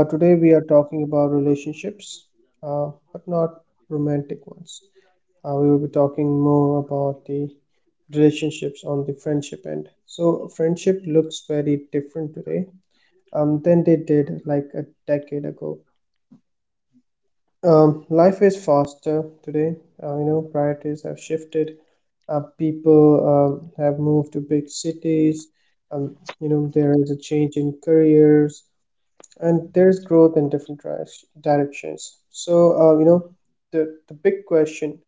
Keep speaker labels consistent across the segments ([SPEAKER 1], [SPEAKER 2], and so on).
[SPEAKER 1] Today we are talking about relationships, uh, but not romantic ones. We will be talking more about the relationships on the friendship end. So friendship looks very different today, than they did like a decade ago. Life is faster today. You know, priorities have shifted. People have moved to big cities. Um, you know, there is a change in careers and there's growth in different drives, directions. So, you know, the big question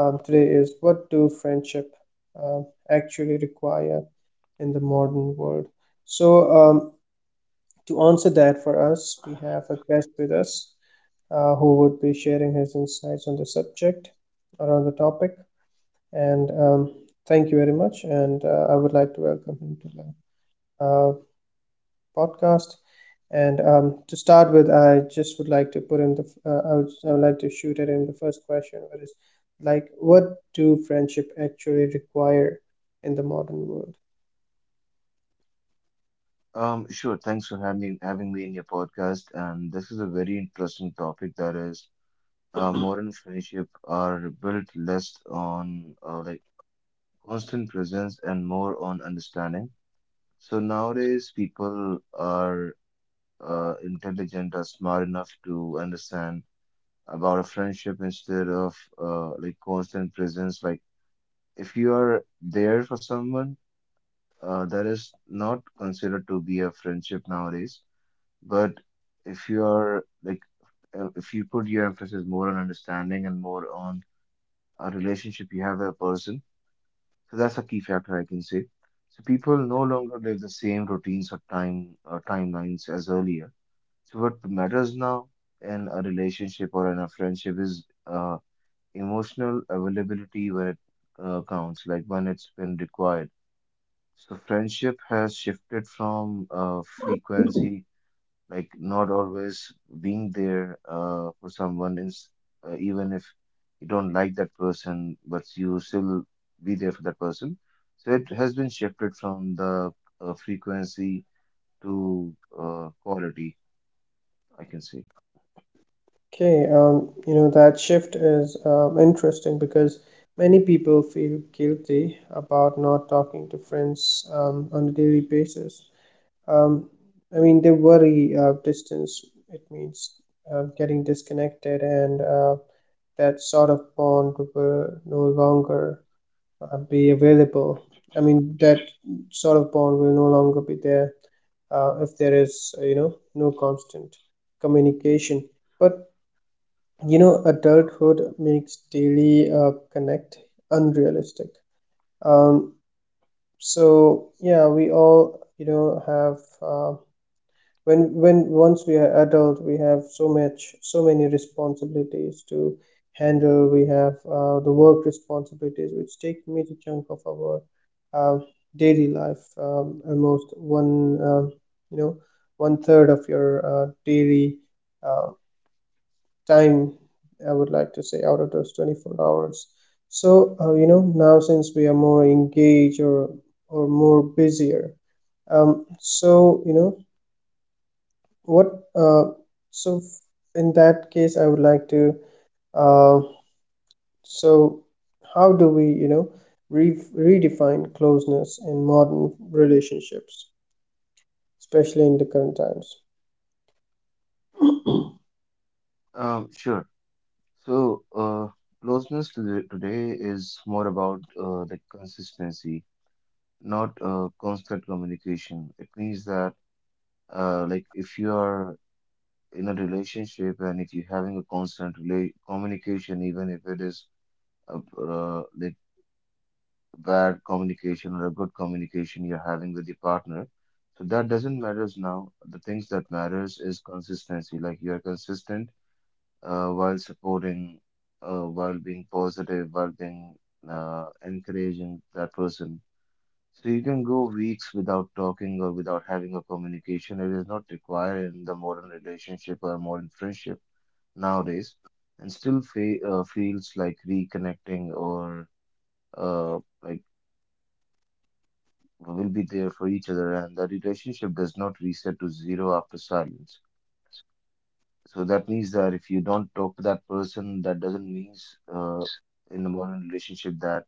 [SPEAKER 1] today is what do friendship actually require in the modern world? So, um, to answer that for us, we have a guest with us, who would be sharing his insights on the subject or on the topic. And Thank you very much. And I would like to welcome him to the uh, podcast. And to start with, I just would like to put in the I would like to shoot at him the first question, which is like, what do friendship actually require in the modern world?
[SPEAKER 2] Sure. Thanks for having me in your podcast. And this is a very interesting topic. That is Modern friendship are built less on like constant presence and more on understanding. So nowadays people are intelligent or smart enough to understand about a friendship instead of like constant presence. Like if you are there for someone, that is not considered to be a friendship nowadays. But if you're like, if you put your emphasis more on understanding and more on a relationship you have with a person, so that's a key factor I can say. So people no longer live the same routines or time or timelines as earlier. So what matters now in a relationship or in a friendship is emotional availability when it counts, like when it's been required. So friendship has shifted from frequency, like not always being there for someone. Is even if you don't like that person but you still be there for that person, so it has been shifted from the frequency to quality, I can say.
[SPEAKER 1] Okay, you know that shift is interesting because many people feel guilty about not talking to friends on a daily basis. Um, I mean, they worry distance. It means getting disconnected and that sort of bond will no longer be available. I mean, that sort of bond will no longer be there if there is, you know, no constant communication. But you know, adulthood makes daily connect unrealistic. Um, so yeah, we all you know have when once we are adult we have so many responsibilities to handle. We have the work responsibilities which take major chunk of our uh, daily life, almost one uh, you know one third of your daily uh, time, I would like to say, out of those 24 hours. So you know, now since we are more engaged or more busier, so you know what so in that case, I would like to uh, so how do we you know re redefine closeness in modern relationships, especially in the current times?
[SPEAKER 2] Sure. So closeness to today is more about the consistency, not constant communication. It means that like if you are in a relationship and if you're having a constant communication, even if it is a like bad communication or a good communication you're having with your partner, so that doesn't matters now. The things that matters is consistency. Like you are consistent while supporting, while being positive, while being encouraging that person. So you can go weeks without talking or without having a communication. It is not required in the modern relationship or modern friendship nowadays and still fe feels like reconnecting or uh, like will be there for each other, and the relationship does not reset to zero after silence. So that means that if you don't talk to that person, that doesn't mean uh, in the modern relationship that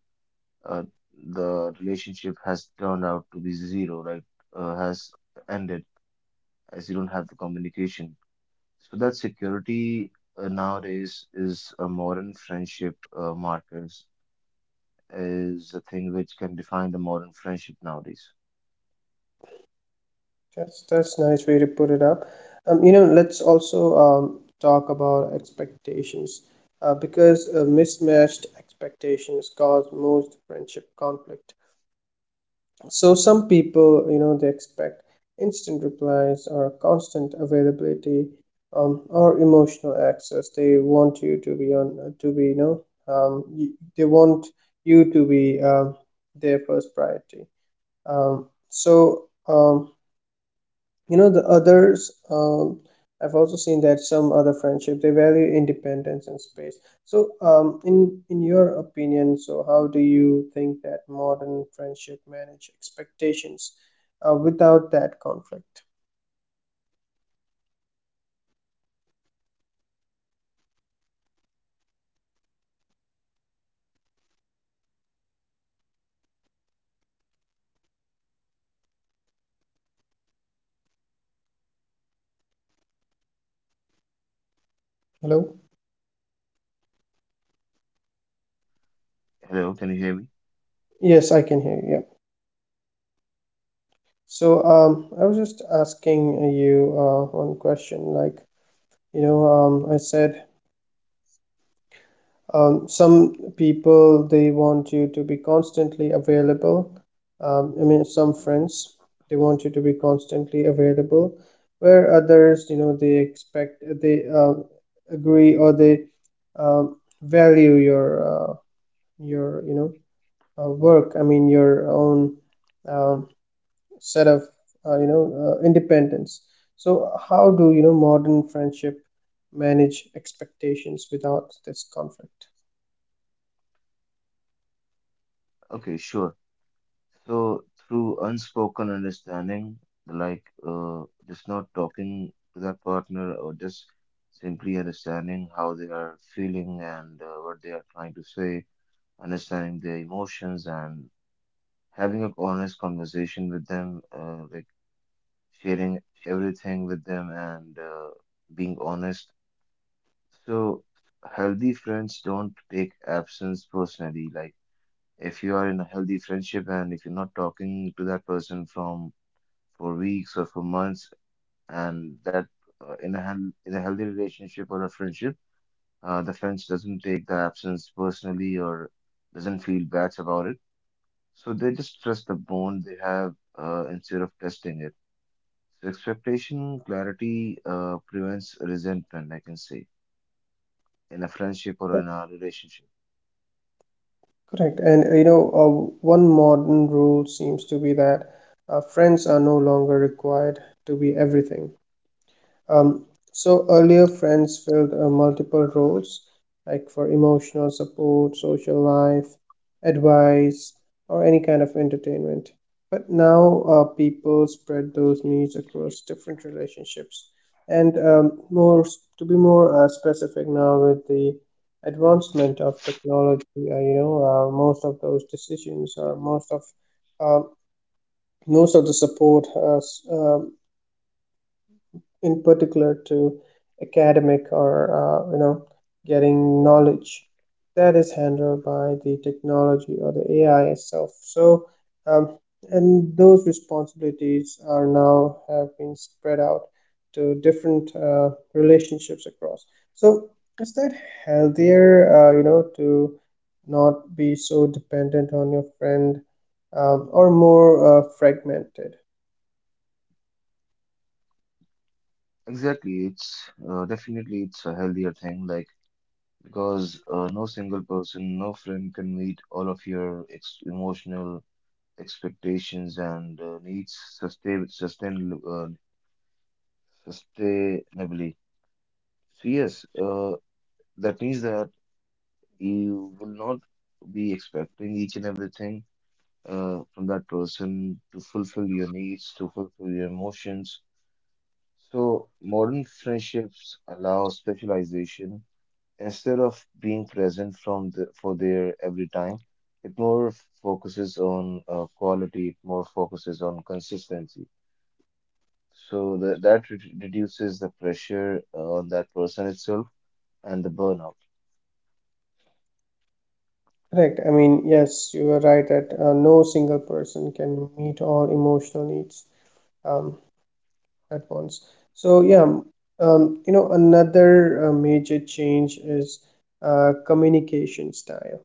[SPEAKER 2] uh, the relationship has turned out to be zero, right? Has ended as you don't have the communication. So that security nowadays is a modern friendship markers, is a thing which can define the modern friendship nowadays.
[SPEAKER 1] That's nice way to put it up. You know, let's also talk about expectations, because mismatched expectations cause most friendship conflict. So some people, you know, they expect instant replies or constant availability, or emotional access. They want you to be on, to be, you know, um, y- they want you to be, their first priority. Um, so um, you know the others, I've also seen that some other friendship they value independence and space. So in your opinion, so how do you think that modern friendship manage expectations without that conflict? Hello?
[SPEAKER 2] Hello, can you hear me?
[SPEAKER 1] Yes, I can hear you, yeah. So I was just asking you one question, like you know, I said, some people they want you to be constantly available. I mean, some friends
[SPEAKER 3] Mhm.
[SPEAKER 1] they want you to be constantly available, where others you know they expect, they agree or they um, value uh, your you know work, I mean your own um, set of you know independence. So how do you know modern friendship manage expectations without this conflict?
[SPEAKER 3] Okay, sure. So through unspoken understanding, like just not talking to that partner or just simply understanding how they are feeling and what they are trying to say, understanding their emotions and having an honest conversation with them, like sharing everything with them and being honest. So healthy friends don't take absence personally, like if you are in a healthy friendship and if you're not talking to that person from for weeks or for months, and that in a in a healthy relationship or a friendship, the friends doesn't take the absence personally or doesn't feel bad about it. So they just trust the bond they have instead of testing it. So expectation clarity prevents resentment, I can say, in a friendship or in a relationship.
[SPEAKER 1] Correct. And you know, one modern rule seems to be that friends are no longer required to be everything. Um, so earlier friends filled multiple roles, like for emotional support, social life, advice, or any kind of entertainment. But now people spread those needs across different relationships. And more to be more specific now with the advancement of technology, you know, most of those decisions or uh, most of the support in particular to academic or you know getting knowledge, that is handled by the technology or the AI itself. So um, and those responsibilities are now have been spread out to different relationships across. So is that healthier? You know, to not be so dependent on your friend, or more fragmented.
[SPEAKER 3] Exactly, it's definitely it's a healthier thing. Like because no single person, no friend can meet all of your ex emotional expectations and needs uh, sustainably. So yes, that means that you will not be expecting each and everything from that person to fulfill your needs, to fulfill your emotions. So modern friendships allow specialization. Instead of being present for their every time, it more focuses on quality, it more focuses on consistency. So that reduces the pressure on that person itself and the burnout.
[SPEAKER 1] Correct. I mean, yes, you are right that no single person can meet all emotional needs um, at once. So, yeah, you know, another major change is communication style.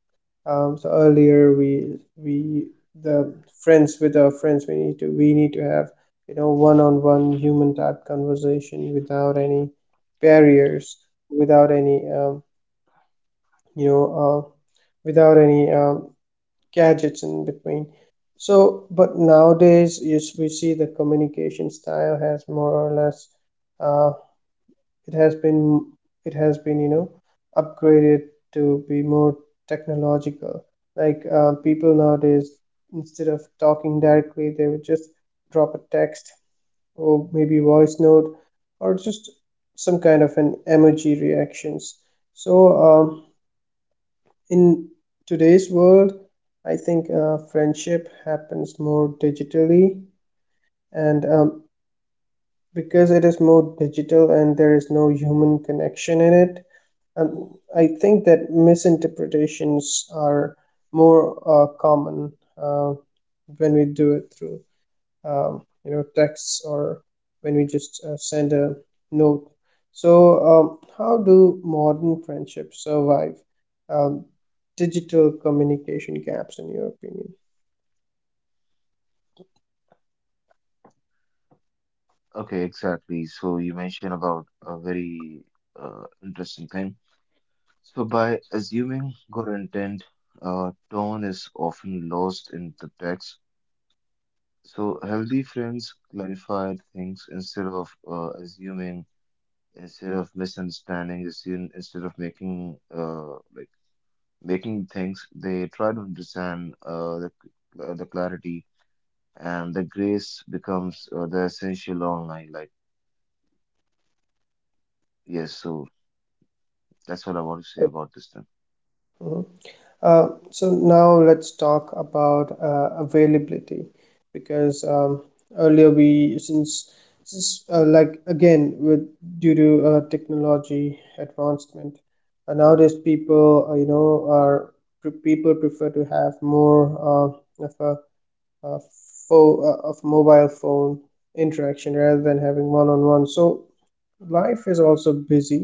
[SPEAKER 1] So earlier we the friends with our friends, we need to have you know one-on-one human type conversation without any barriers, without any you know uh, without any gadgets in between. So, but nowadays, you we see the communication style has more or less, uh, it has been, it has been, you know, upgraded to be more technological. Like people nowadays, instead of talking directly, they would just drop a text or maybe voice note or just some kind of an emoji reactions. So, um, in today's world I think friendship happens more digitally, and because it is more digital and there is no human connection in it, um, I think that misinterpretations are more common uh, when we do it through you know texts or when we just send a note. So how do modern friendships survive um, digital communication gaps in your opinion?
[SPEAKER 3] Okay, exactly. So you mentioned about a very interesting thing. So by assuming good intent, tone is often lost in the text. So healthy friends clarify things instead of assuming, instead of instead of making like making things. They try to understand the clarity, and the grace becomes the essential online. Like, yes, so that's what I want to say about this thing.
[SPEAKER 1] Mhm. So now let's talk about availability, because earlier we since like again with due to technology advancement, nowadays people, people prefer to have more uh, of a, a of mobile phone interaction rather than having one on one. So life is also busy,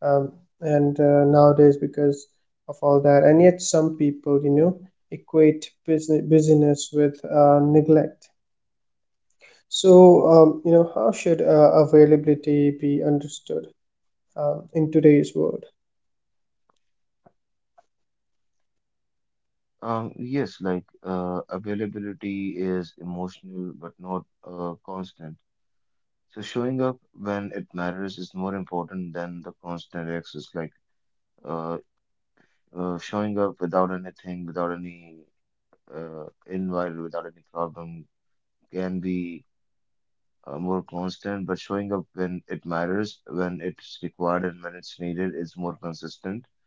[SPEAKER 1] um, and nowadays because of all that, and yet some people you know equate business busyness with neglect. So you know, how should availability be understood in today's world?
[SPEAKER 3] Yes, like availability is emotional but not constant. So showing up when it matters is more important than the constant access. Like, uh, showing up without anything, without any in while without any problem can be more constant, but showing up when it matters, when it's required, and when it's needed is more consistent.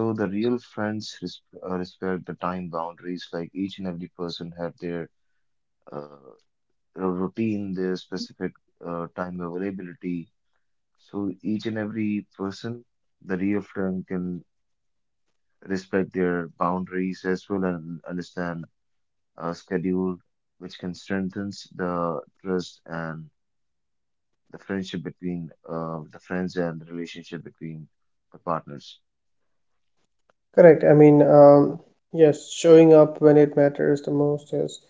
[SPEAKER 3] So the real friends respect the time boundaries. Like each and every person have their uh, routine, their specific time availability. So each and every person, the real friend can respect their boundaries as well and understand schedule, which can strengthens the trust and the friendship between the friends and the relationship between the partners.
[SPEAKER 1] Correct. I mean, yes, showing up when it matters the most is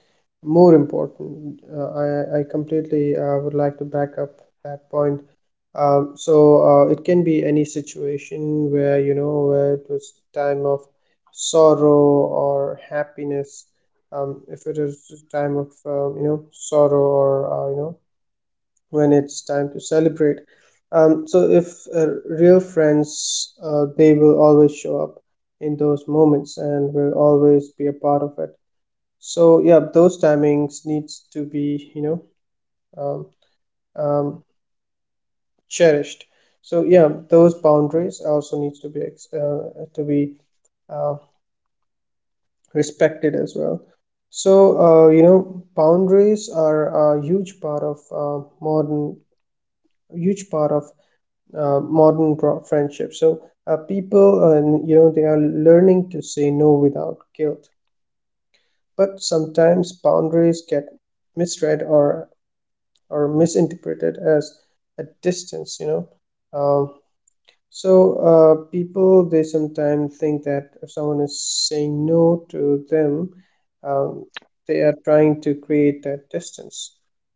[SPEAKER 1] more important. I completely would like to back up that point. So it can be any situation where, you know, where it was time of sorrow or happiness. If it is time of, you know, sorrow or, you know, when it's time to celebrate. So if real friends, they will always show up in those moments and will always be a part of it. So yeah, those timings needs to be you know um, um, cherished. So yeah, those boundaries also needs to be to be uh, respected as well. So, you know, boundaries are a huge part of huge part of modern friendship. So people, you know, they are learning to say no without guilt. But sometimes boundaries get misread or misinterpreted as a distance. You know, um, so, people they sometimes think that if someone is saying no to them, um, they are trying to create that distance.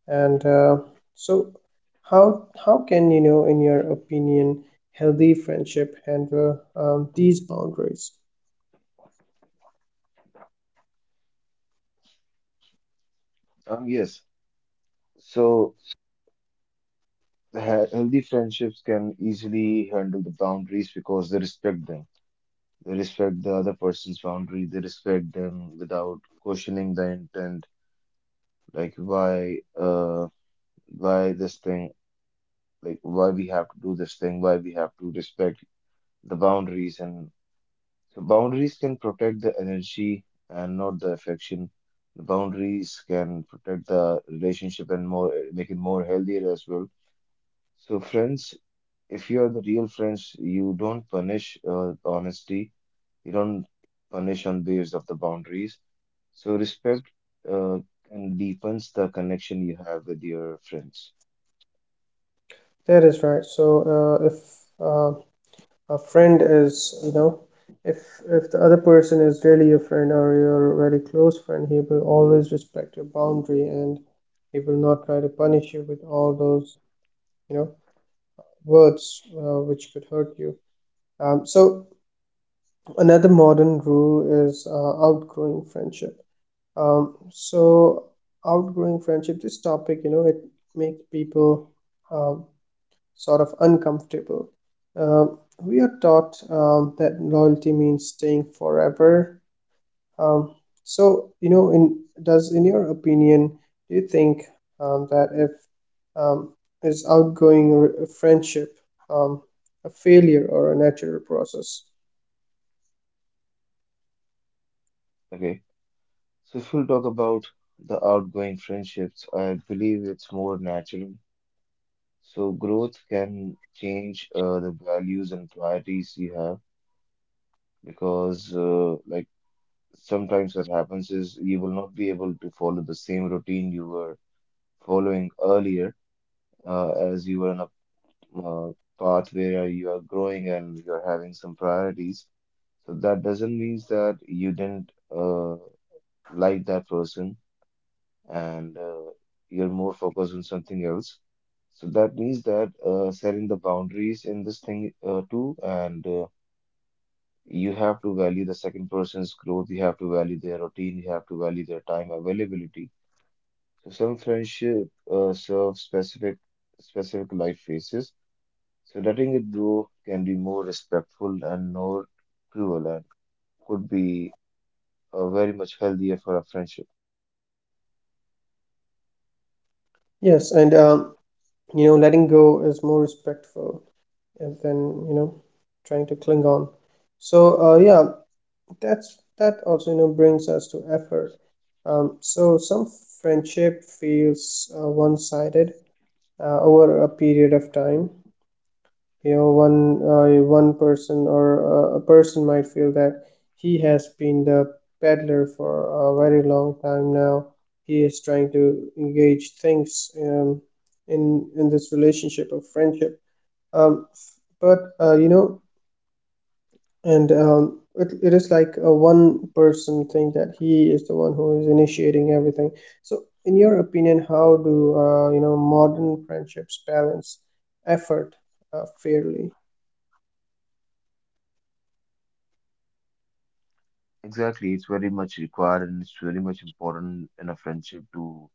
[SPEAKER 1] And so, how can, you know, in your opinion, healthy friendship handle these boundaries?
[SPEAKER 3] Yes. So the healthy friendships can easily handle the boundaries because they respect them. They respect the other person's boundary. They respect them without questioning the intent. Like why this thing? Like why we have to do this thing? Why we have to respect the boundaries? And so boundaries can protect the energy and not the affection. The boundaries can protect the relationship and more make it more healthier as well. So friends, if you are the real friends, you don't punish honesty. You don't punish on base of the boundaries. So respect uh, and deepens the connection you have with your friends.
[SPEAKER 1] That is right. So, if uh, a friend is, you know, if if the other person is really your friend or your very close friend, he will always respect your boundary, and he will not try to punish you with all those, you know, words which could hurt you. So another modern rule is outgrowing friendship. So outgrowing friendship, this topic, you know, it makes people um, sort of uncomfortable. Um, we are taught that loyalty means staying forever. Um, you know, in your opinion, do you think that if um, is friendship um, a failure or a natural process?
[SPEAKER 3] Okay. So if we'll talk about the outgoing friendships, I believe it's more natural. So growth can change the values and priorities you have, because like sometimes what happens is you will not be able to follow the same routine you were following earlier, as you were on a path where you are growing and you are having some priorities. So that doesn't mean that you didn't like that person and you're more focused on something else. So that means that setting the boundaries in this thing too, and you have to value the second person's growth, you have to value their routine, you have to value their time availability. So some friendship serve specific life phases. So letting it go can be more respectful and more cruel, and could be very much healthier for a friendship.
[SPEAKER 1] Yes, and you know, letting go is more respectful and then you know, trying to cling on. So, yeah, that's that also you know brings us to effort. So some friendship feels one-sided over a period of time. You know one person or a person might feel that he has been the peddler for a very long time now, he is trying to engage things, in this relationship of friendship, but you know, and it, it is like a one person thing that he is the one who is initiating everything. So in your opinion, how do you know modern friendships balance effort fairly?
[SPEAKER 3] Exactly, it's very much required and it's very much important in a friendship to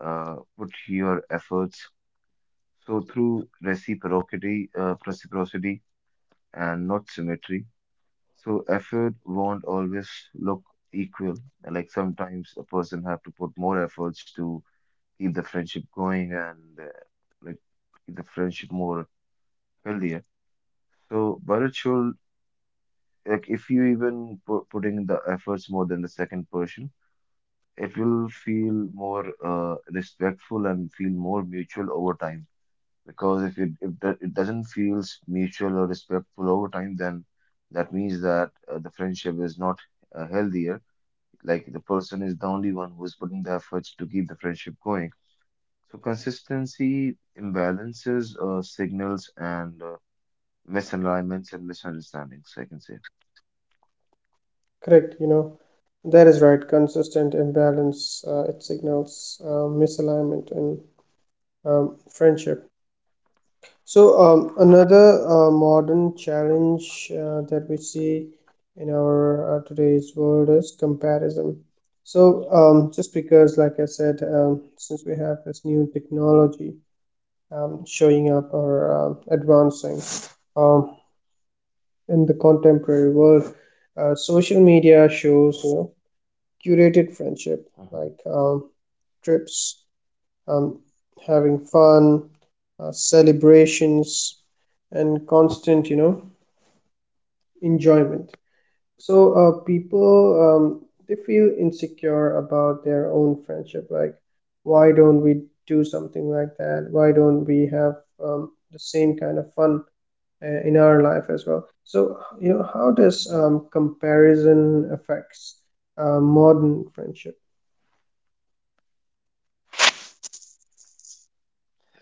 [SPEAKER 3] put your efforts. So through reciprocity, and not symmetry. So effort won't always look equal. Like sometimes a person have to put more efforts to keep the friendship going and like keep the friendship more healthier. So, but it should, like if you even putting the efforts more than the second person, it will feel more respectful and feel more mutual over time. Because if it if that it doesn't feels mutual or respectful over time, then that means that the friendship is not healthier. Like the person is the only one who is putting the efforts to keep the friendship going. So consistency imbalances signals and misalignments and misunderstandings, I can say.
[SPEAKER 1] Correct, you know, that is right. Consistent imbalance, it signals misalignment in friendship. So, another modern challenge that we see in our today's world is comparison. So, just because, like I said, since we have this new technology showing up or advancing um, in the contemporary world, social media shows, you know, curated friendship,
[SPEAKER 3] hmm
[SPEAKER 1] like trips, um, having fun, celebrations, and constant, you know, enjoyment. So people um, they feel insecure about their own friendship. Like, why don't we do something like that? Why don't we have the same kind of fun in our life as well? So how does comparison affects modern friendship?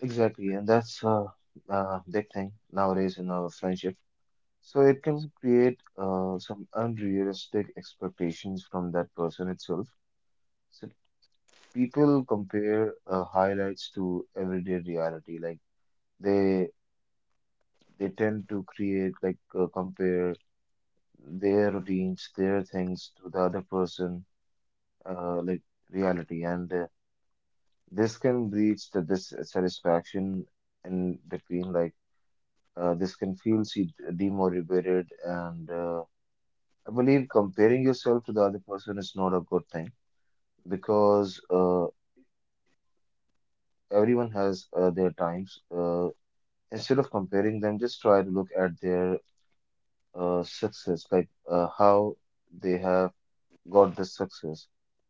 [SPEAKER 3] Exactly, and that's a big thing nowadays in our friendship. So it can create some unrealistic expectations from that person itself. So people compare highlights to everyday reality. Like they they tend to create, like compare their routines, their things to the other person, like reality, and this can breach the dissatisfaction in between. Like this can feel demotivated, and I believe comparing yourself to the other person is not a good thing, because everyone has their times. Instead of comparing them, just try to look at their success, like how they have got this success.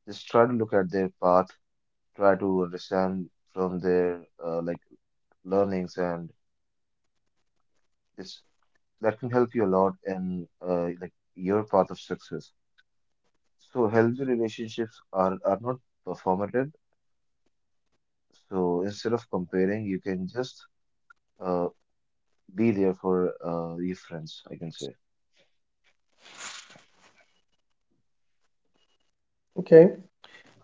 [SPEAKER 3] Just try to look at their path, try to understand from their like learnings, and this that can help you a lot in like your path of success. So healthy relationships are not performative. So instead of comparing, you can just uh, be there for your friends, I can say.
[SPEAKER 1] Okay.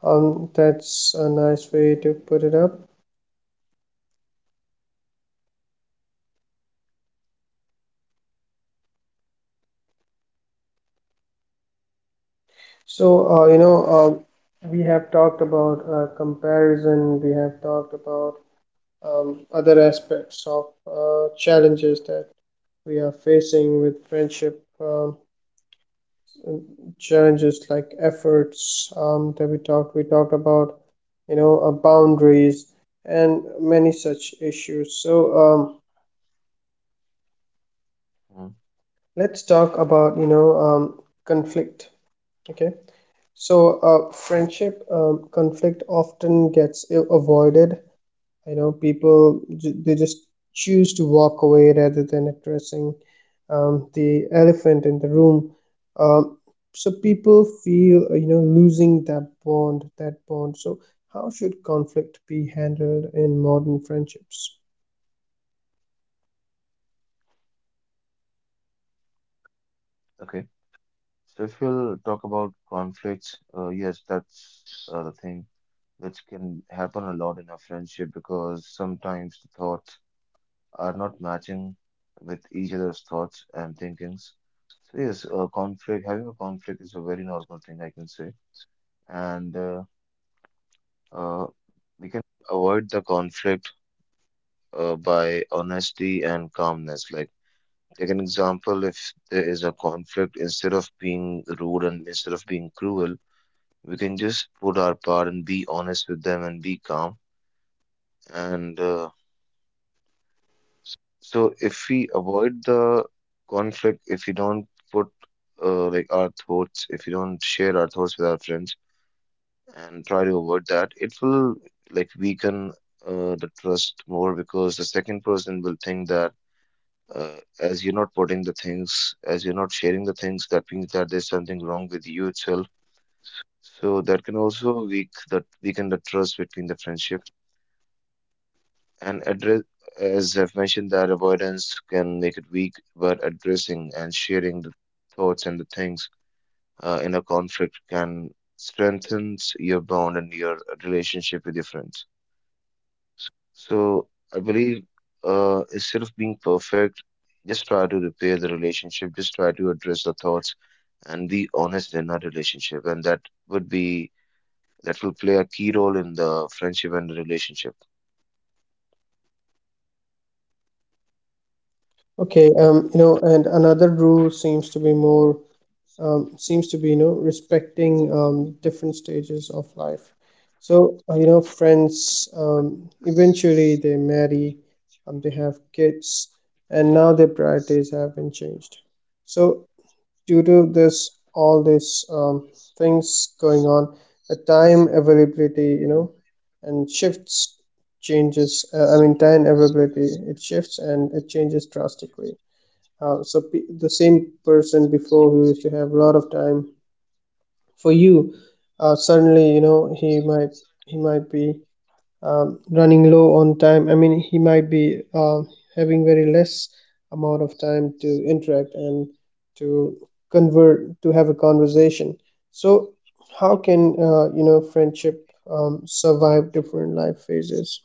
[SPEAKER 1] That's a nice way to put it up. So, we have talked about comparison, we have talked about other aspects of challenges that we are facing with friendship, challenges like efforts that we talked about, boundaries and many such issues. So,
[SPEAKER 3] Mhm.
[SPEAKER 1] let's talk about, conflict. Okay. So, friendship conflict often gets avoided. I know people, they just choose to walk away rather than addressing the elephant in the room. Um, so people feel losing that bond. So, how should conflict be handled in modern friendships?
[SPEAKER 3] Okay. So if you'll talk about conflicts, yes, that's the thing which can happen a lot in a friendship, because sometimes the thoughts are not matching with each other's thoughts and thinkings. So yes, conflict, having a conflict is a very normal thing, I can say, and uh, we can avoid the conflict by honesty and calmness. Like take an example, if there is a conflict, instead of being rude and instead of being cruel, we can just put our part and be honest with them and be calm. And so, if we avoid the conflict, if we don't put like our thoughts, if we don't share our thoughts with our friends and try to avoid that, it will like weaken the trust more, because the second person will think that. As you're not putting the things, as you're not sharing the things, that means that there's something wrong with you itself. So that can also weaken the trust between the friendship. And address, as I've mentioned, that avoidance can make it weak, but addressing and sharing the thoughts and the things in a conflict can strengthen your bond and your relationship with your friends. So I believe instead of being perfect, just try to repair the relationship, just try to address the thoughts and be honest in our relationship. And would be, that will play a key role in the friendship and the relationship.
[SPEAKER 1] Okay, you know, and another rule seems to be more seems to be, you know, respecting different stages of life. So you know, friends eventually they marry, they have kids, and now their priorities have been changed. So due to this all these things going on, the time availability, you know, and shifts changes. I mean, time availability, it shifts and it changes drastically. So the same person before who used to have a lot of time for you, suddenly, you know, he might be running low on time. I mean, he might be having very less amount of time to interact and to convert to have a conversation. So how can you know, friendship survive different life phases?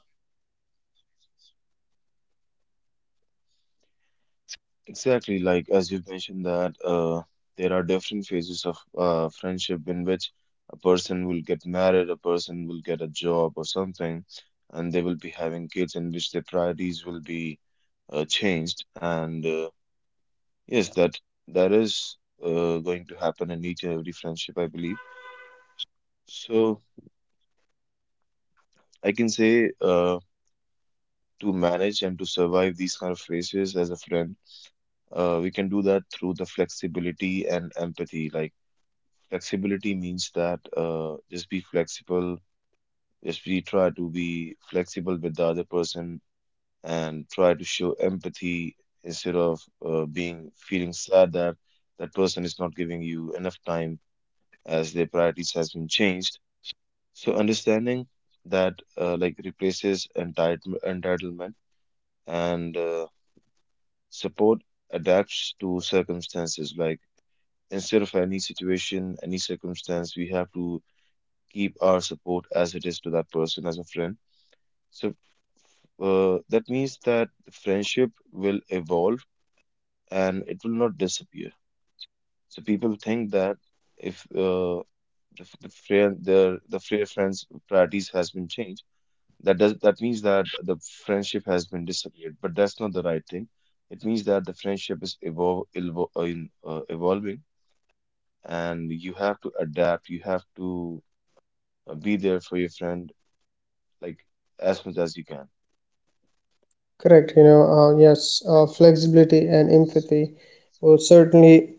[SPEAKER 3] Exactly, like as you've mentioned that there are different phases of friendship in which a person will get married, a person will get a job or something, and they will be having kids in which their priorities will be changed. And yes, that is going to happen in each and every friendship, I believe. So I can say to manage and to survive these kind of phases as a friend, we can do that through the flexibility and empathy. Like flexibility means that just be flexible, just be try to be flexible with the other person and try to show empathy, instead of being feeling sad that that person is not giving you enough time as their priorities has been changed. So understanding that like replaces entitlement, and support adapts to circumstances. Like instead of any situation, any circumstance, we have to keep our support as it is to that person as a friend. So that means that the friendship will evolve and it will not disappear. So people think that if the friend, the fair friends priorities has been changed, that means that the friendship has been disappeared. But that's not the right thing. It means that the friendship is evolving, and you have to adapt. You have to be there for your friend, like as much as you can.
[SPEAKER 1] Correct, yes, flexibility and empathy will certainly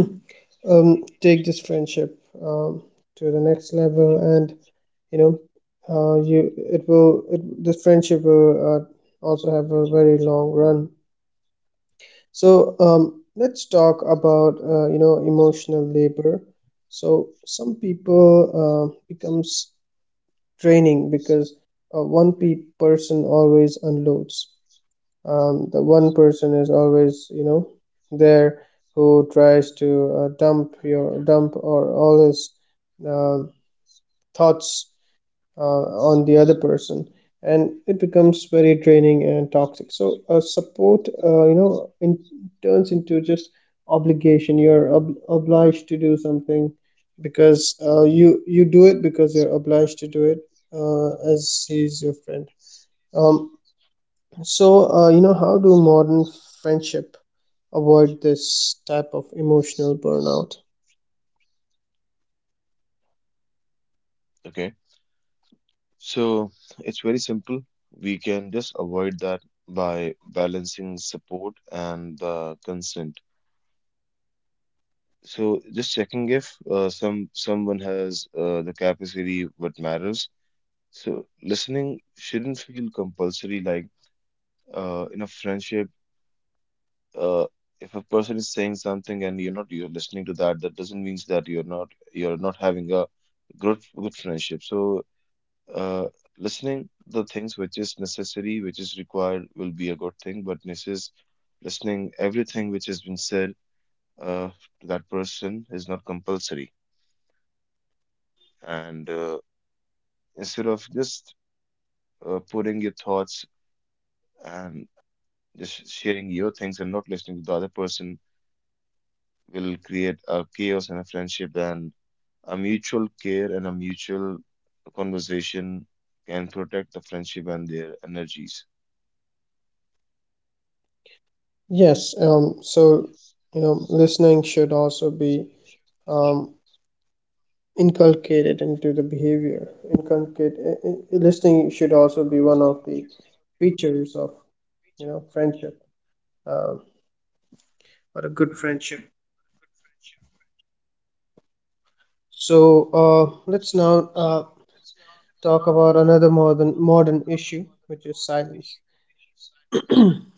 [SPEAKER 1] take this friendship to the next level, and you know, you, this friendship will also have a very long run. So let's talk about emotional labor. So some people becomes draining because person always unloads. The one person is always, you know, there who tries to dump your dump or all his um thoughts uh, on the other person, and it becomes very draining and toxic. So support, turns into just obligation. You're obliged to do something because you do it because you're obliged to do it, as he's your friend. um, you know, how do modern friendship avoid this type of emotional burnout?
[SPEAKER 3] Okay, so it's very simple. We can just avoid that by balancing support and the consent. So just checking if someone has the capacity what matters. So listening shouldn't feel compulsory. Like in a friendship, uh, if a person is saying something and you're not you're listening to that, that doesn't mean that you're not having a good friendship. So Uh, listening the things which is necessary, which is required, will be a good thing, but necess listening everything which has been said uh, to that person is not compulsory. And Instead of just putting your thoughts and just sharing your things and not listening to the other person will create a chaos in a friendship, and a mutual care and a mutual conversation can protect the friendship and their energies.
[SPEAKER 1] Yes, so, you know, listening should also be um, inculcated into the behavior. Listening should also be one of the features of, you know, friendship, um or a good friendship. So, let's now talk about another modern issue, which is silence.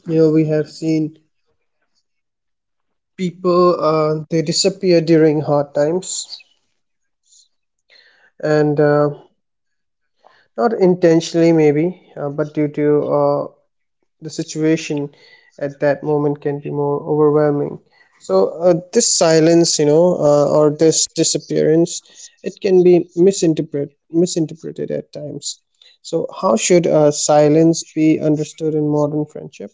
[SPEAKER 1] You know, we have seen people, they disappear during hard times, and not intentionally maybe, but due to the situation at that moment can be more overwhelming. So this silence, or this disappearance, it can be misinterpreted at times. So how should silence be understood in modern friendship?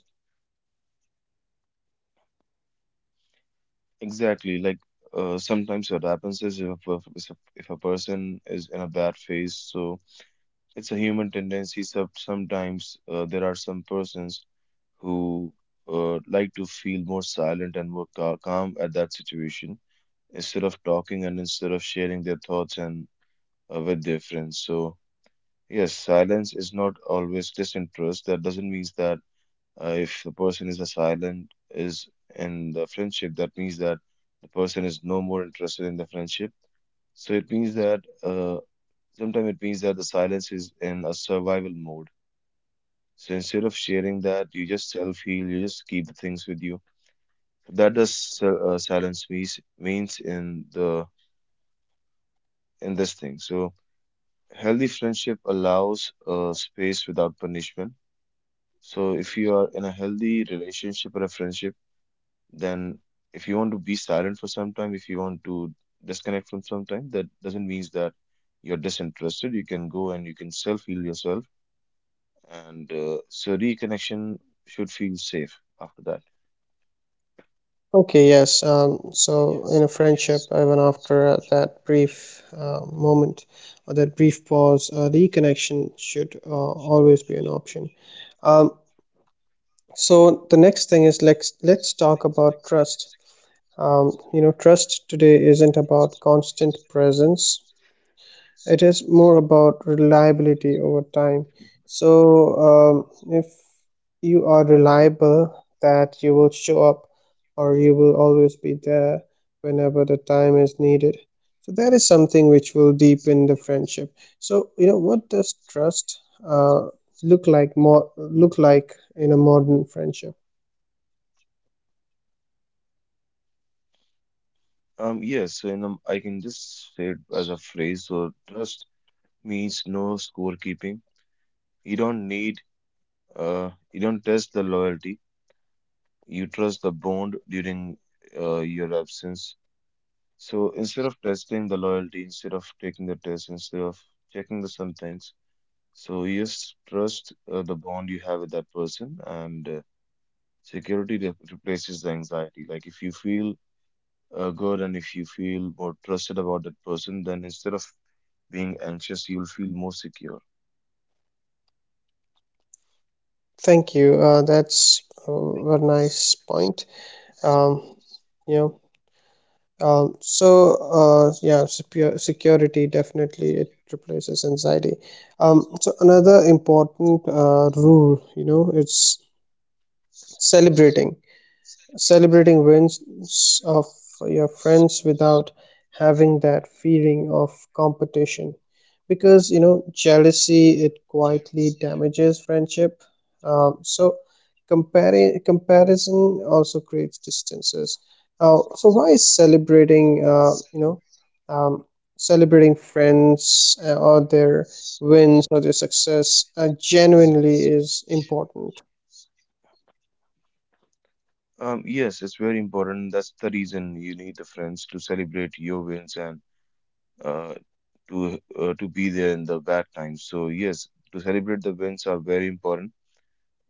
[SPEAKER 3] Exactly. Like sometimes what happens is if a, per- is a- if a person is in a bad phase, so it's a human tendency. So sometimes there are some persons who like to feel more silent and more calm at that situation instead of talking and instead of sharing their thoughts and with their friends. So yes, silence is not always disinterest. That doesn't mean that if the person is a silent is in the friendship, that means that the person is no more interested in the friendship. So it means that sometimes it means that the silence is in a survival mode. So instead of sharing that, you just self heal. You just keep the things with you. So that does silence means in the in this thing. So healthy friendship allows space without punishment. So if you are in a healthy relationship or a friendship, then if you want to be silent for some time, if you want to disconnect from some time, that doesn't mean that you're disinterested. You can go and you can self heal yourself, and so reconnection should feel safe after that.
[SPEAKER 1] Okay, yes. So in a friendship, even after that brief moment or that brief pause, reconnection should always be an option. Um, so the next thing is, let's talk about trust. You know, trust today isn't about constant presence, it is more about reliability over time. So if you are reliable, that you will show up or you will always be there whenever the time is needed, so that is something which will deepen the friendship. So you know, what does trust uh, look like in a modern friendship?
[SPEAKER 3] Yes, so in the, I can just say it as a phrase. So trust means no scorekeeping. You don't need, you don't test the loyalty. You trust the bond during your absence. So instead of testing the loyalty, instead of taking the test, instead of checking the some things, so you just trust the bond you have with that person, and replaces the anxiety. Like if you feel good and if you feel more trusted about that person, then instead of being anxious, you'll feel more secure.
[SPEAKER 1] Thank you, that's a nice point, um, you know. So yeah, security, definitely it replaces anxiety. So another important rule, you know, it's celebrating celebrating wins of your friends without having that feeling of competition, because you know jealousy, it quietly damages friendship. So comparison also creates distances. So why is celebrating, um, celebrating friends or their wins or their success genuinely is important?
[SPEAKER 3] Yes, it's very important. That's the reason you need the friends to celebrate your wins and uh, to be there in the bad times. So yes, to celebrate the wins are very important.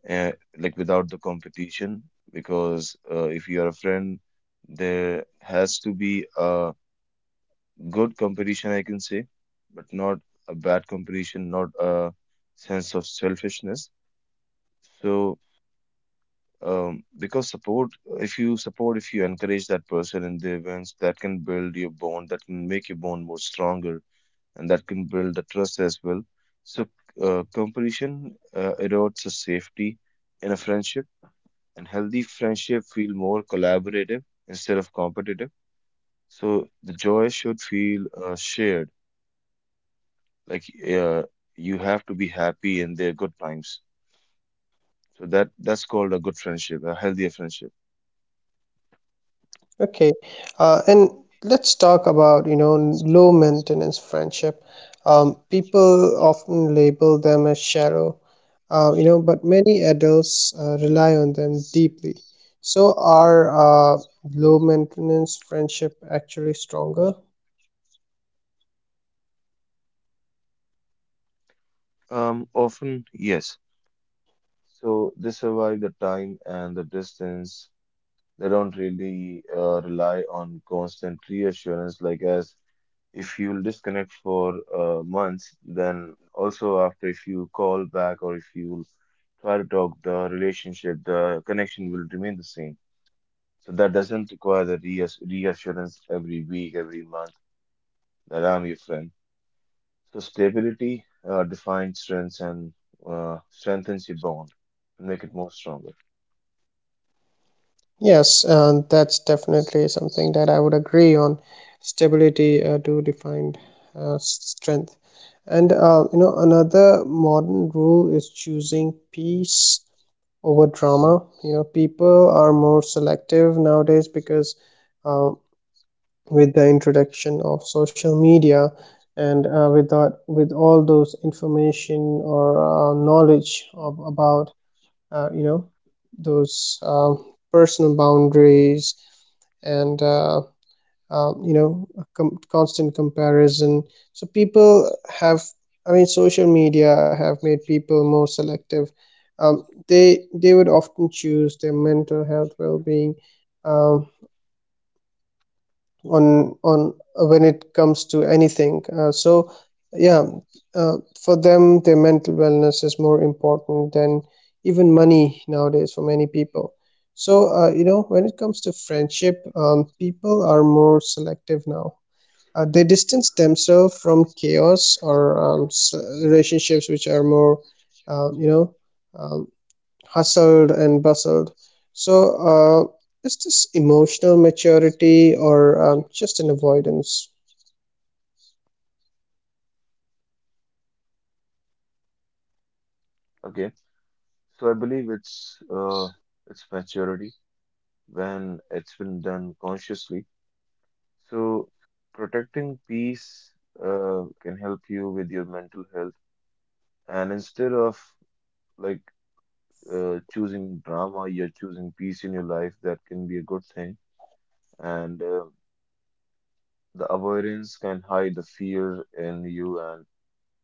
[SPEAKER 3] Uh, like without the competition, because if you are a friend, there has to be a good competition, I can say, but not a bad competition, not a sense of selfishness. So because support, if you encourage that person in the events, that can build your bond, that can make your bond more stronger and that can build the trust as well. So, competition erodes the safety in a friendship, and healthy friendship feel more collaborative instead of competitive. So, the joy should feel shared. Like uh, you have to be happy in their good times. So that's called a good friendship, a healthier friendship.
[SPEAKER 1] Okay, and let's talk about, you know, low maintenance friendship. People often label them as shallow, you know, but many adults rely on them deeply. So are low maintenance friendship actually stronger?
[SPEAKER 3] Often yes. So they survive the time and the distance. They don't really rely on constant reassurance, like as if you'll disconnect for months, then also after if you call back or if you try to talk, the relationship, the connection will remain the same. So that doesn't require the reassurance every week, every month that I'm your friend. So stability defines strengths and strengthens your bond and make it more stronger.
[SPEAKER 1] Yes, that's definitely something that I would agree on. Stability do define strength. And you know, another modern rule is choosing peace over drama. You know, people are more selective nowadays because uh, with the introduction of social media, and with that, with all those information or knowledge of, about, uh, you know those personal boundaries, and you know, a constant comparison. So people have, I mean, social media have made people more selective. They, would often choose their mental health well-being um, on when it comes to anything. So yeah, for them, their mental wellness is more important than even money nowadays for many people. So you know, when it comes to friendship, people are more selective now. They distance themselves from chaos or relationships which are more um, you know um, hustled and bustled. So is this emotional maturity, or just an avoidance?
[SPEAKER 3] Okay. So I believe it's maturity when it's been done consciously. So, protecting peace can help you with your mental health. And instead of like choosing drama, you're choosing peace in your life. That can be a good thing. And the avoidance can hide the fear in you, and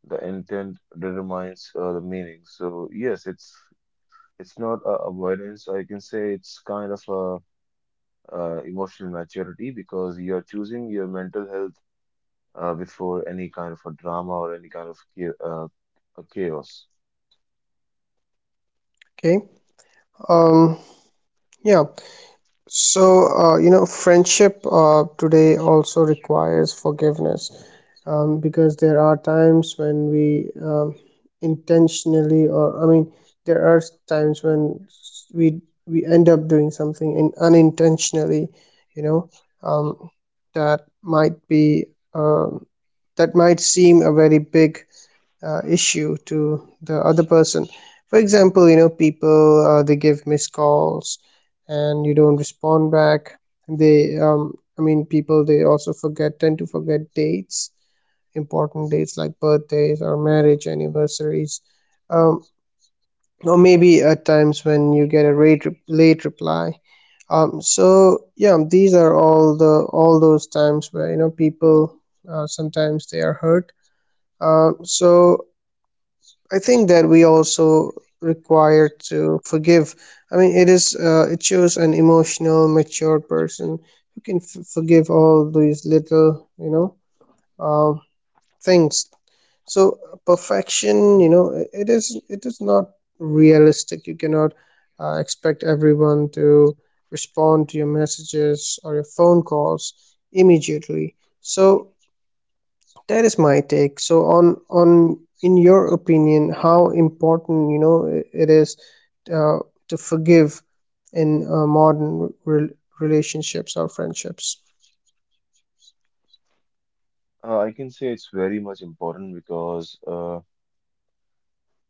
[SPEAKER 3] the intent determines the meaning. So, yes, it's not a avoidance. I can say it's kind of a emotional maturity because you're choosing your mental health before any kind of a drama or any kind of a chaos.
[SPEAKER 1] Okay um, yeah So, you know, friendship today also requires forgiveness, because there are times when we, intentionally, or I mean, there are times when we end up doing something in unintentionally, you know, um, that might be um, that might seem a very big issue to the other person. For example, you know, people, they give missed calls and you don't respond back, and they, I mean, people, they also forget tend to forget dates, important dates like birthdays or marriage anniversaries, um, or maybe at times when you get a late reply. So yeah, these are all the all those times where you know people sometimes they are hurt. So I think that we also require to forgive. I mean, it is, it shows an emotional, mature person who can forgive all these little, um, things. So perfection, you know, it is, it is not realistic. You cannot expect everyone to respond to your messages or your phone calls immediately. So that is my take. So on, in your opinion, how important, you know, it is uh, to forgive in modern relationships or friendships?
[SPEAKER 3] I can say it's very much important because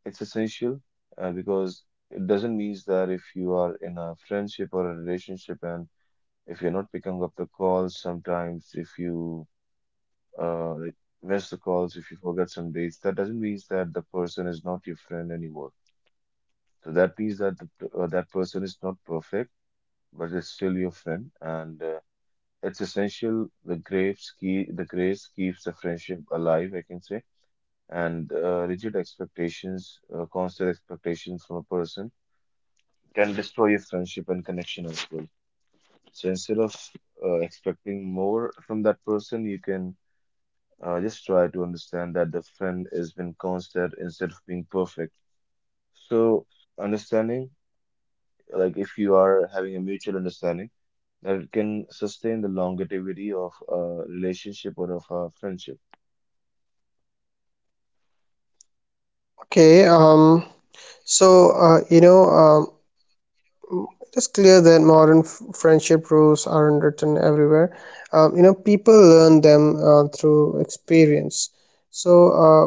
[SPEAKER 3] it's essential because it doesn't mean that if you are in a friendship or a relationship and if you're not picking up the calls sometimes, if you like miss the calls, if you forget some dates, that doesn't mean that the person is not your friend anymore. So that means that that person is not perfect but is still your friend, and it's essential. The grace keeps the friendship alive, I can say. And rigid expectations, constant expectations from a person can destroy your friendship and connection as well. So instead of expecting more from that person, you can just try to understand that the friend has been constant instead of being perfect. So understanding, like if you are having a mutual understanding, that it can sustain the longevity of a relationship or of a friendship.
[SPEAKER 1] Okay um so uh, you know um, It is clear that modern friendship rules aren't written everywhere. You know, people learn them through experience. So,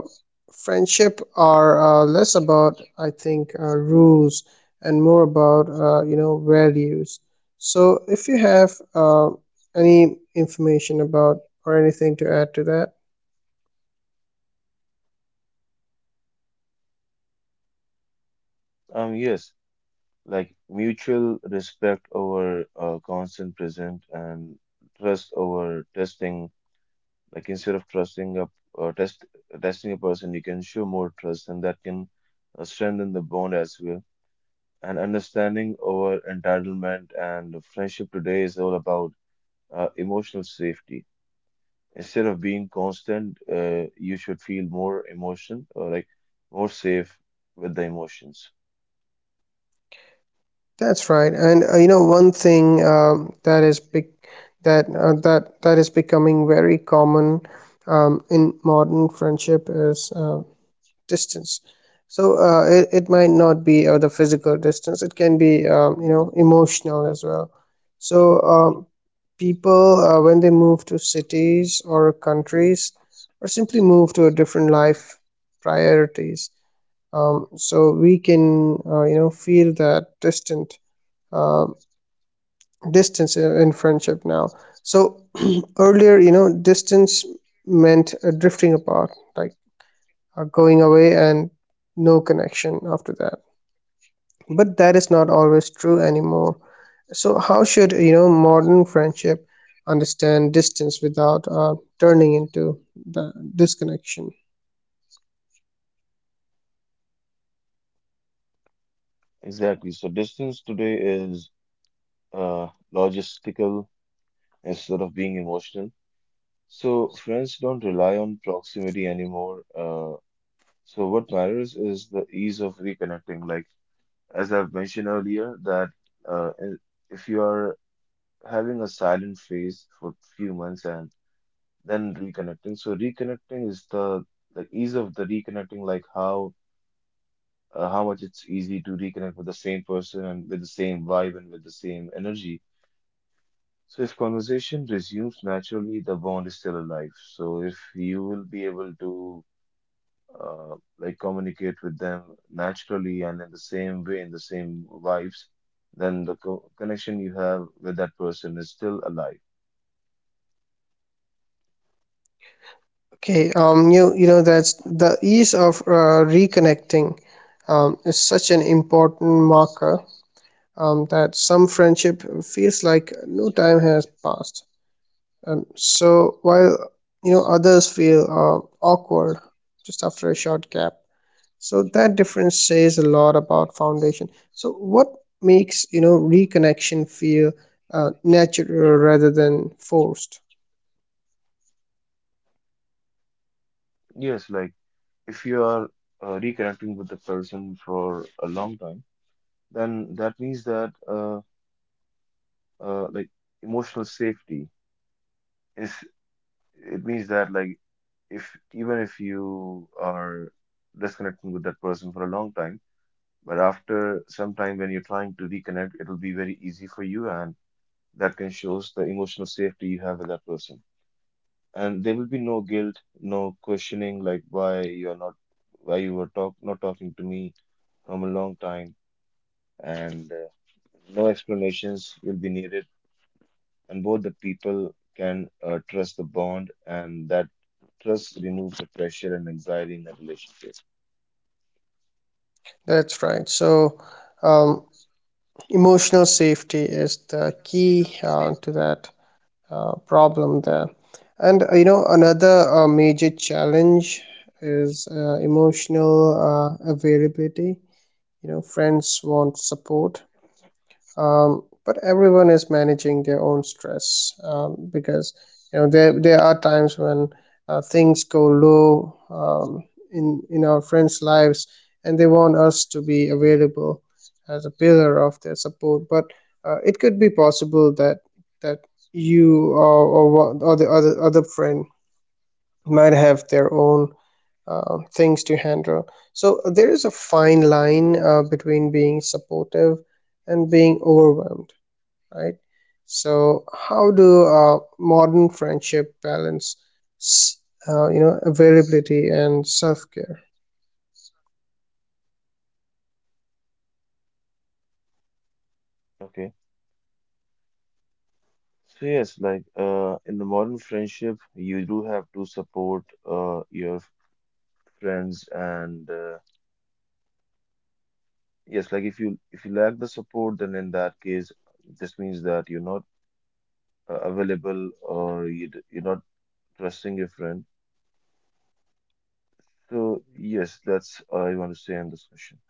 [SPEAKER 1] friendship are less about, I think, rules, and more about, you know, values. So, if you have any information about or anything to add to that,
[SPEAKER 3] Yes, like mutual respect over constant present and trust over testing. Like instead of trusting a uh, test testing a person, you can show more trust, and that can strengthen the bond as well. And understanding over entitlement, and friendship today is all about emotional safety. Instead of being constant, you should feel more emotion or like more safe with the emotions.
[SPEAKER 1] That's right. And you know, one thing that is big, that that is becoming very common in modern friendship is distance. So it, it might not be the physical distance; it can be you know, emotional as well. So people, when they move to cities or countries, or simply move to a different life priorities, so we can you know, feel that distant. Um, Distance in friendship now. So earlier, you know, distance meant drifting apart, like going away and no connection after that. But that is not always true anymore. So how should, you know, modern friendship understand distance without turning into the disconnection?
[SPEAKER 3] Exactly. So distance today is uh, logistical instead of being emotional. So friends don't rely on proximity anymore. So what matters is the ease of reconnecting. Like as I've mentioned earlier, that uh, i- if you are having a silent phase for few months and then reconnecting, so reconnecting is the ease of the reconnecting, like how much it's easy to reconnect with the same person and with the same vibe and with the same energy. So if conversation resumes naturally, the bond is still alive. So if you will be able to like communicate with them naturally and in the same way, in the same vibes, then the co connection you have with that person is still alive.
[SPEAKER 1] Okay, you, you know, that's the ease of reconnecting, is such an important marker, that some friendship feels like no time has passed. So while, you know, others feel awkward just after a short gap, so that difference says a lot about foundation. So what makes, you know, reconnection feel natural rather than forced?
[SPEAKER 3] Yes, like if you are reconnecting with the person for a long time, then that means that like emotional safety is, it means that like if even if you are disconnecting with that person for a long time, but after some time when you're trying to reconnect, it'll be very easy for you, and that can shows the emotional safety you have with that person. And there will be no guilt, no questioning like why you're not, why you were talk not talking to me from a long time, and no explanations will be needed. And both the people can trust the bond, and that trust removes the pressure and anxiety in the relationship.
[SPEAKER 1] That's right. So um, emotional safety is the key to that problem there. And you know, another major challenge is emotional availability. You know, friends want support, but everyone is managing their own stress, because you know, there are times when things go low in our friends' lives, and they want us to be available as a pillar of their support. But it could be possible that that you, or the other friend might have their own things to handle. So there is a fine line between being supportive and being overwhelmed, right? So how do modern friendship balance, availability and self-care?
[SPEAKER 3] Okay. So yes, like in the modern friendship, you do have to support your friends, and yes, like if you, if you lack the support, then in that case, this means that you're not available, or you you're not trusting your friend. So yes, that's all I want to say on this question.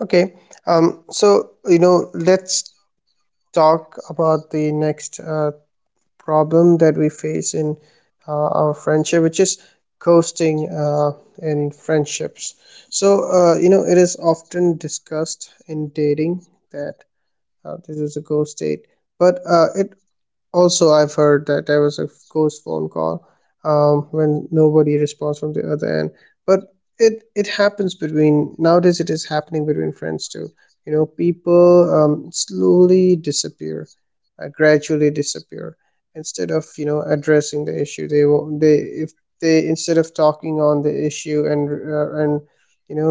[SPEAKER 1] Okay, let's talk about the next problem that we face in our friendship, which is ghosting in friendships. So it is often discussed in dating that this is a ghost date, but it Also, I've heard that there was a ghost phone call when nobody responds from the other end. But it happens between nowadays. It is happening between friends too. You know, people slowly disappear, gradually disappear. Instead of addressing the issue, they will they if they instead of talking on the issue and you know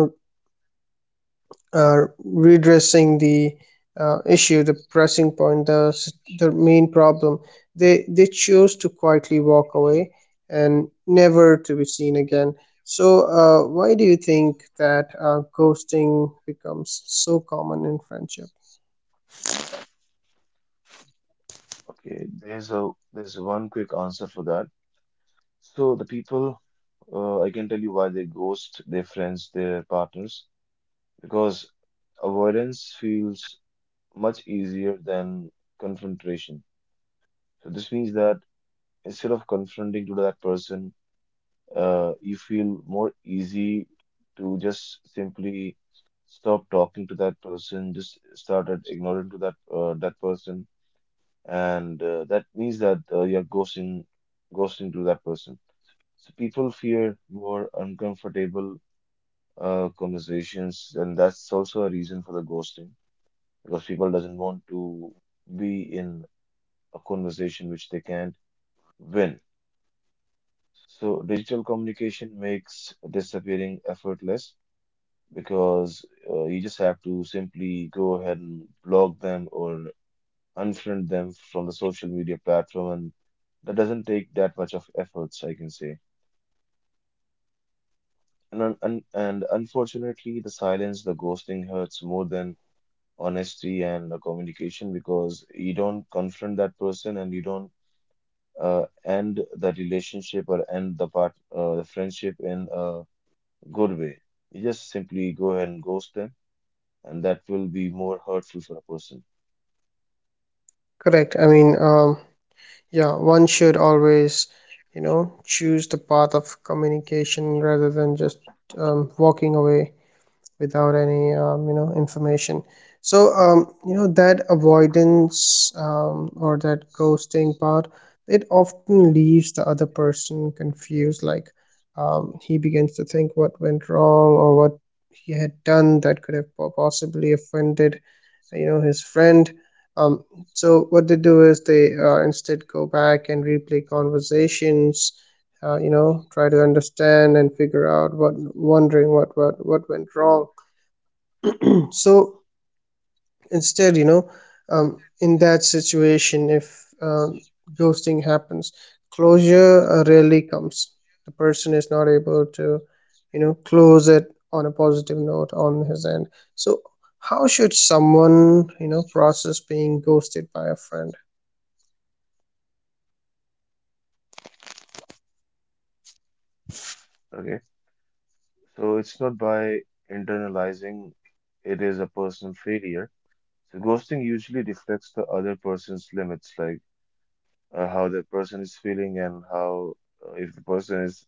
[SPEAKER 1] redressing the issue, the pressing point, the main problem. They chose to quietly walk away and never to be seen again. So why do you think that ghosting becomes so common in friendship?
[SPEAKER 3] Okay, there's one quick answer for that. So the people, I can tell you why they ghost their friends, their partners, because avoidance feels much easier than confrontation. So this means that instead of confronting to that person, you feel more easy to just simply stop talking to that person, just started ignoring to that person, and that means that you're ghosting to that person. So people fear more uncomfortable conversations, and that's also a reason for the ghosting because people doesn't want to be in a conversation which they can't win. So digital communication makes disappearing effortless because you just have to simply go ahead and block them or unfriend them from the social media platform, and that doesn't take that much of efforts, I can say. And un un and unfortunately, the silence, the ghosting hurts more than honesty and the communication because you don't confront that person and you don't end the relationship or end the part the friendship in a good way. You just simply go ahead and ghost them, and that will be more hurtful for a person.
[SPEAKER 1] Correct. One should always, you know, choose the path of communication rather than just walking away without any information. So that avoidance, or that ghosting part, it often leaves the other person confused. Like, he begins to think what went wrong or what he had done that could have possibly offended, you know, his friend. um, so what they do is they instead go back and replay conversations, try to understand and figure out what wondering what went wrong. So instead, in that situation, if ghosting happens, closure rarely comes. The person is not able to, you know, close it on a positive note on his end. So, how should someone, you know, process being ghosted by a friend?
[SPEAKER 3] Okay, so it's not by internalizing it is a personal failure. So ghosting usually reflects the other person's limits, like how the person is feeling and how if the person is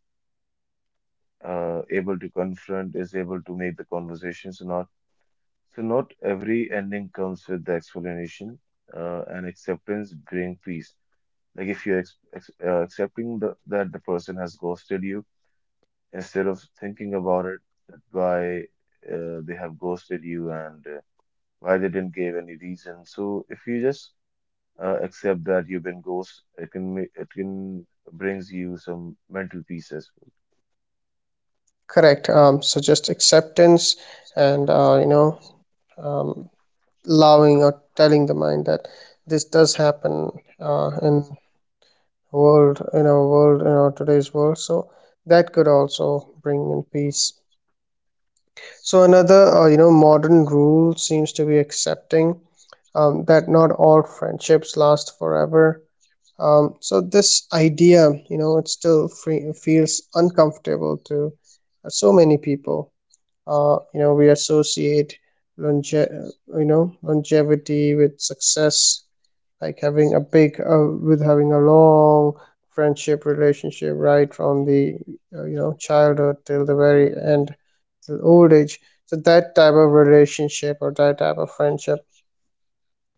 [SPEAKER 3] able to confront, is able to make the conversations and all. So not every ending comes with the explanation, and acceptance bring peace. Like if you're ex ex accepting that the person has ghosted you, instead of thinking about it, that why they have ghosted you, and why they didn't give any reason. So if you just accept that you've been ghosted, it can make it, can brings you some mental peace as well.
[SPEAKER 1] Correct. So just acceptance and um, allowing or telling the mind that this does happen and world in our today's world. So that could also bring in peace. So another modern rule seems to be accepting that not all friendships last forever. So this idea, you know, it still free, feels uncomfortable to so many people. We associate longe- uh, longevity with success, like having a long friendship relationship right from the childhood till the very end, till old age. So that type of relationship or that type of friendship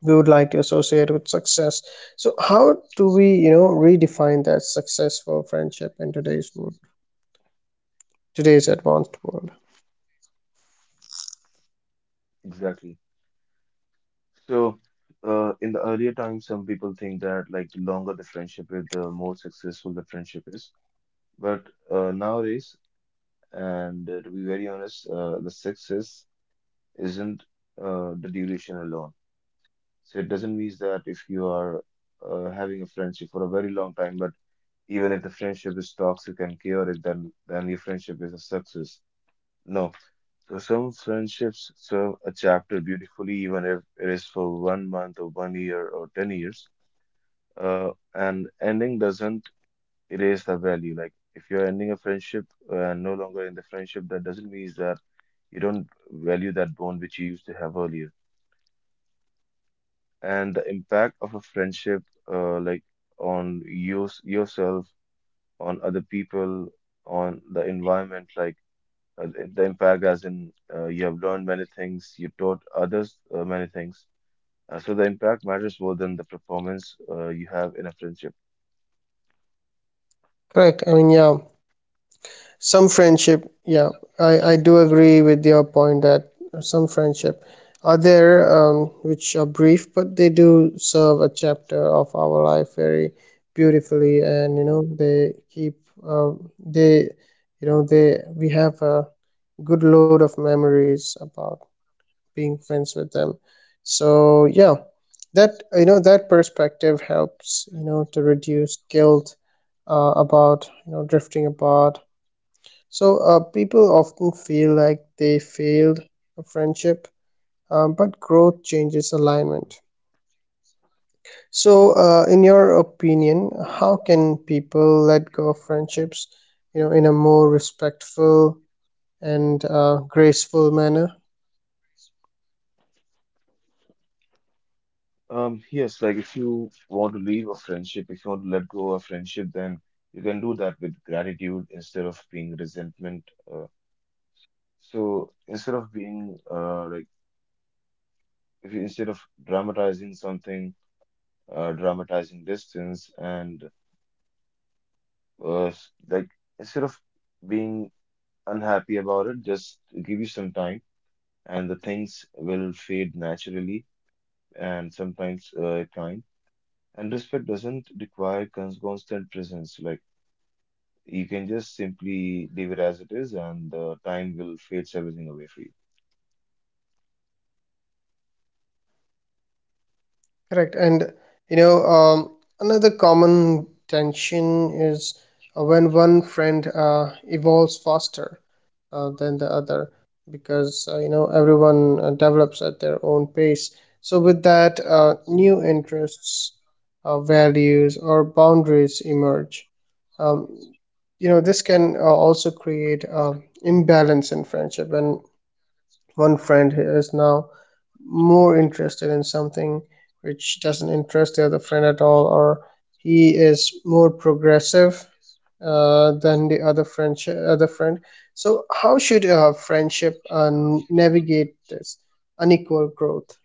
[SPEAKER 1] we would like to associate with success. So how do we, you know, redefine that successful friendship in today's world, today's advanced world?
[SPEAKER 3] Exactly. So, in the earlier times, some people think that like the longer the friendship is, the more successful the friendship is. But nowadays, and to be very honest, the success isn't the duration alone. So it doesn't mean that if you are having a friendship for a very long time, but even if the friendship is toxic and chaotic, then your friendship is a success. No. So some friendships serve a chapter beautifully, even if it is for 1 month or 1 year or 10 years. And ending doesn't erase the value. Like if you're ending a friendship and no longer in the friendship, that doesn't mean that you don't value that bond which you used to have earlier. And the impact of a friendship, like on you yourself, on other people, on the environment, like the impact as in you have learned many things, you've taught others many things. So the impact matters more than the performance you have in a friendship.
[SPEAKER 1] Correct. Yeah, some friendship yeah I do agree with your point that some friendship are there, which are brief but they do serve a chapter of our life very beautifully. And you know they keep, they you know they we have a good load of memories about being friends with them. So yeah, that, you know, that perspective helps, you know, to reduce guilt about, you know, drifting apart. So, people often feel like they failed a friendship, but growth changes alignment. So, in your opinion, how can people let go of friendships, you know, in a more respectful and graceful manner?
[SPEAKER 3] Yes, like if you want to leave a friendship, if you want to let go of a friendship, then you can do that with gratitude instead of being resentment. Uh, so instead of being like if you, instead of dramatizing something, dramatizing distance, and like instead of being unhappy about it, just give you some time, and the things will fade naturally, and sometimes time. And respect doesn't require constant presence, like. You can just simply leave it as it is, and the time will fades everything away for you.
[SPEAKER 1] Correct. And you know, another common tension is when one friend evolves faster than the other, because you know everyone develops at their own pace. So with that, new interests, values, or boundaries emerge. Um, you know this can also create imbalance in friendship when one friend is now more interested in something which doesn't interest the other friend at all, or he is more progressive than the other friend. So how should friendship navigate this unequal growth?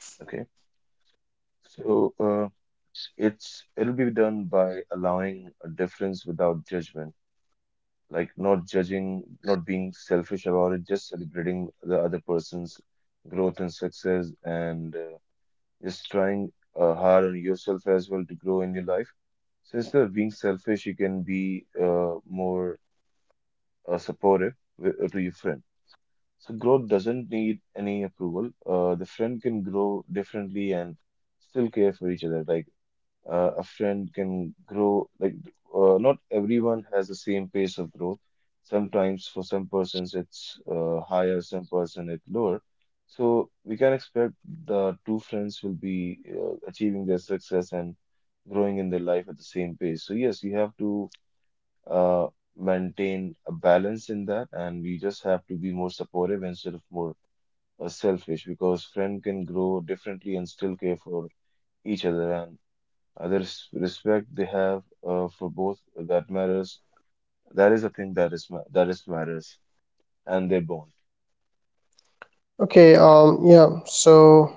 [SPEAKER 3] Okay. So it'll be done by allowing a difference without judgment, like not judging, not being selfish about it, just celebrating the other person's growth and success, and just trying hard on yourself as well to grow in your life. So instead of being selfish, you can be more supportive to your friend. So growth doesn't need any approval. The friend can grow differently and still care for each other. Like a friend can grow. Like not everyone has the same pace of growth. Sometimes for some persons it's higher, some person it's lower. So we can expect the two friends will be achieving their success and growing in their life at the same pace. So yes, you have to uh, maintain a balance in that, and we just have to be more supportive instead of more selfish because friend can grow differently and still care for each other and others respect they have for both that matters. That is a thing that is ma that is matters and their bond.
[SPEAKER 1] Okay, yeah. So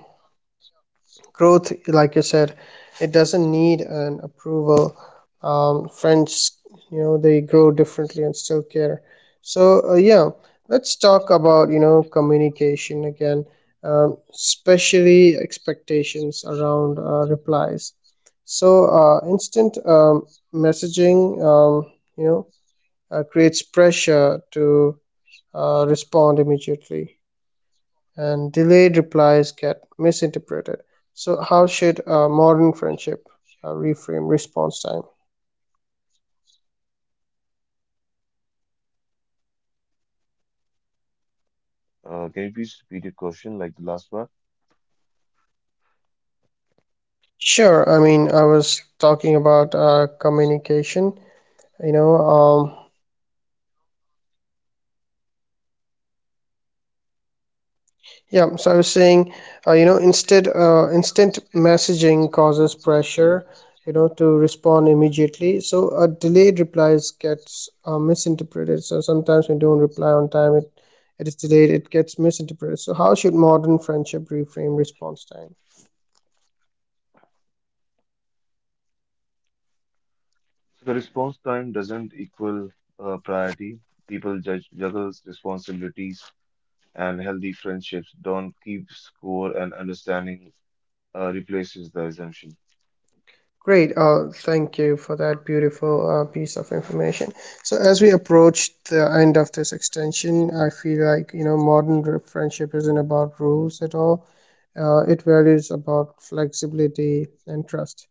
[SPEAKER 1] growth, like you said, it doesn't need an approval. French, you know, they grow differently and still care. So yeah, let's talk about, you know, communication again, especially expectations around replies. So instant messaging, you know, creates pressure to respond immediately, and delayed replies get misinterpreted. So, how should a modern friendship reframe response time?
[SPEAKER 3] Can you please repeat your question, like the last part?
[SPEAKER 1] Sure, I mean, I was talking about communication, you know. Yeah, so I was saying, instant messaging causes pressure, you know, to respond immediately. So, a delayed replies gets misinterpreted. So, sometimes when you don't reply on time, it is delayed, it gets misinterpreted. So, how should modern friendship reframe response time?
[SPEAKER 3] The response time doesn't equal priority. People judge juggles responsibilities and healthy friendships don't keep score and understanding replaces the assumption.
[SPEAKER 1] Great. Thank you for that beautiful piece of information. So, as we approach the end of this extension, I feel like, you know, modern friendship isn't about rules at all. It values about flexibility and trust.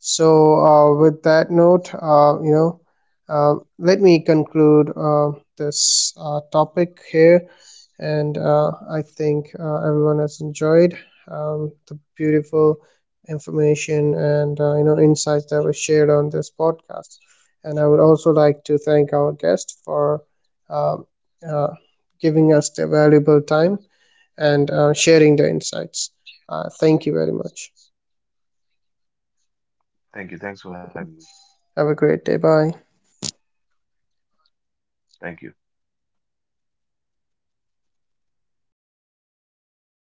[SPEAKER 1] So, with that note, you know, let me conclude this topic here, and I think everyone has enjoyed the beautiful information and insights that were shared on this podcast. And I would also like to thank our guest for um, uh, giving us the valuable time and sharing the insights. Thank you very much.
[SPEAKER 3] Thank you. Thanks for having me.
[SPEAKER 1] Have a great day. Bye.
[SPEAKER 3] Thank you.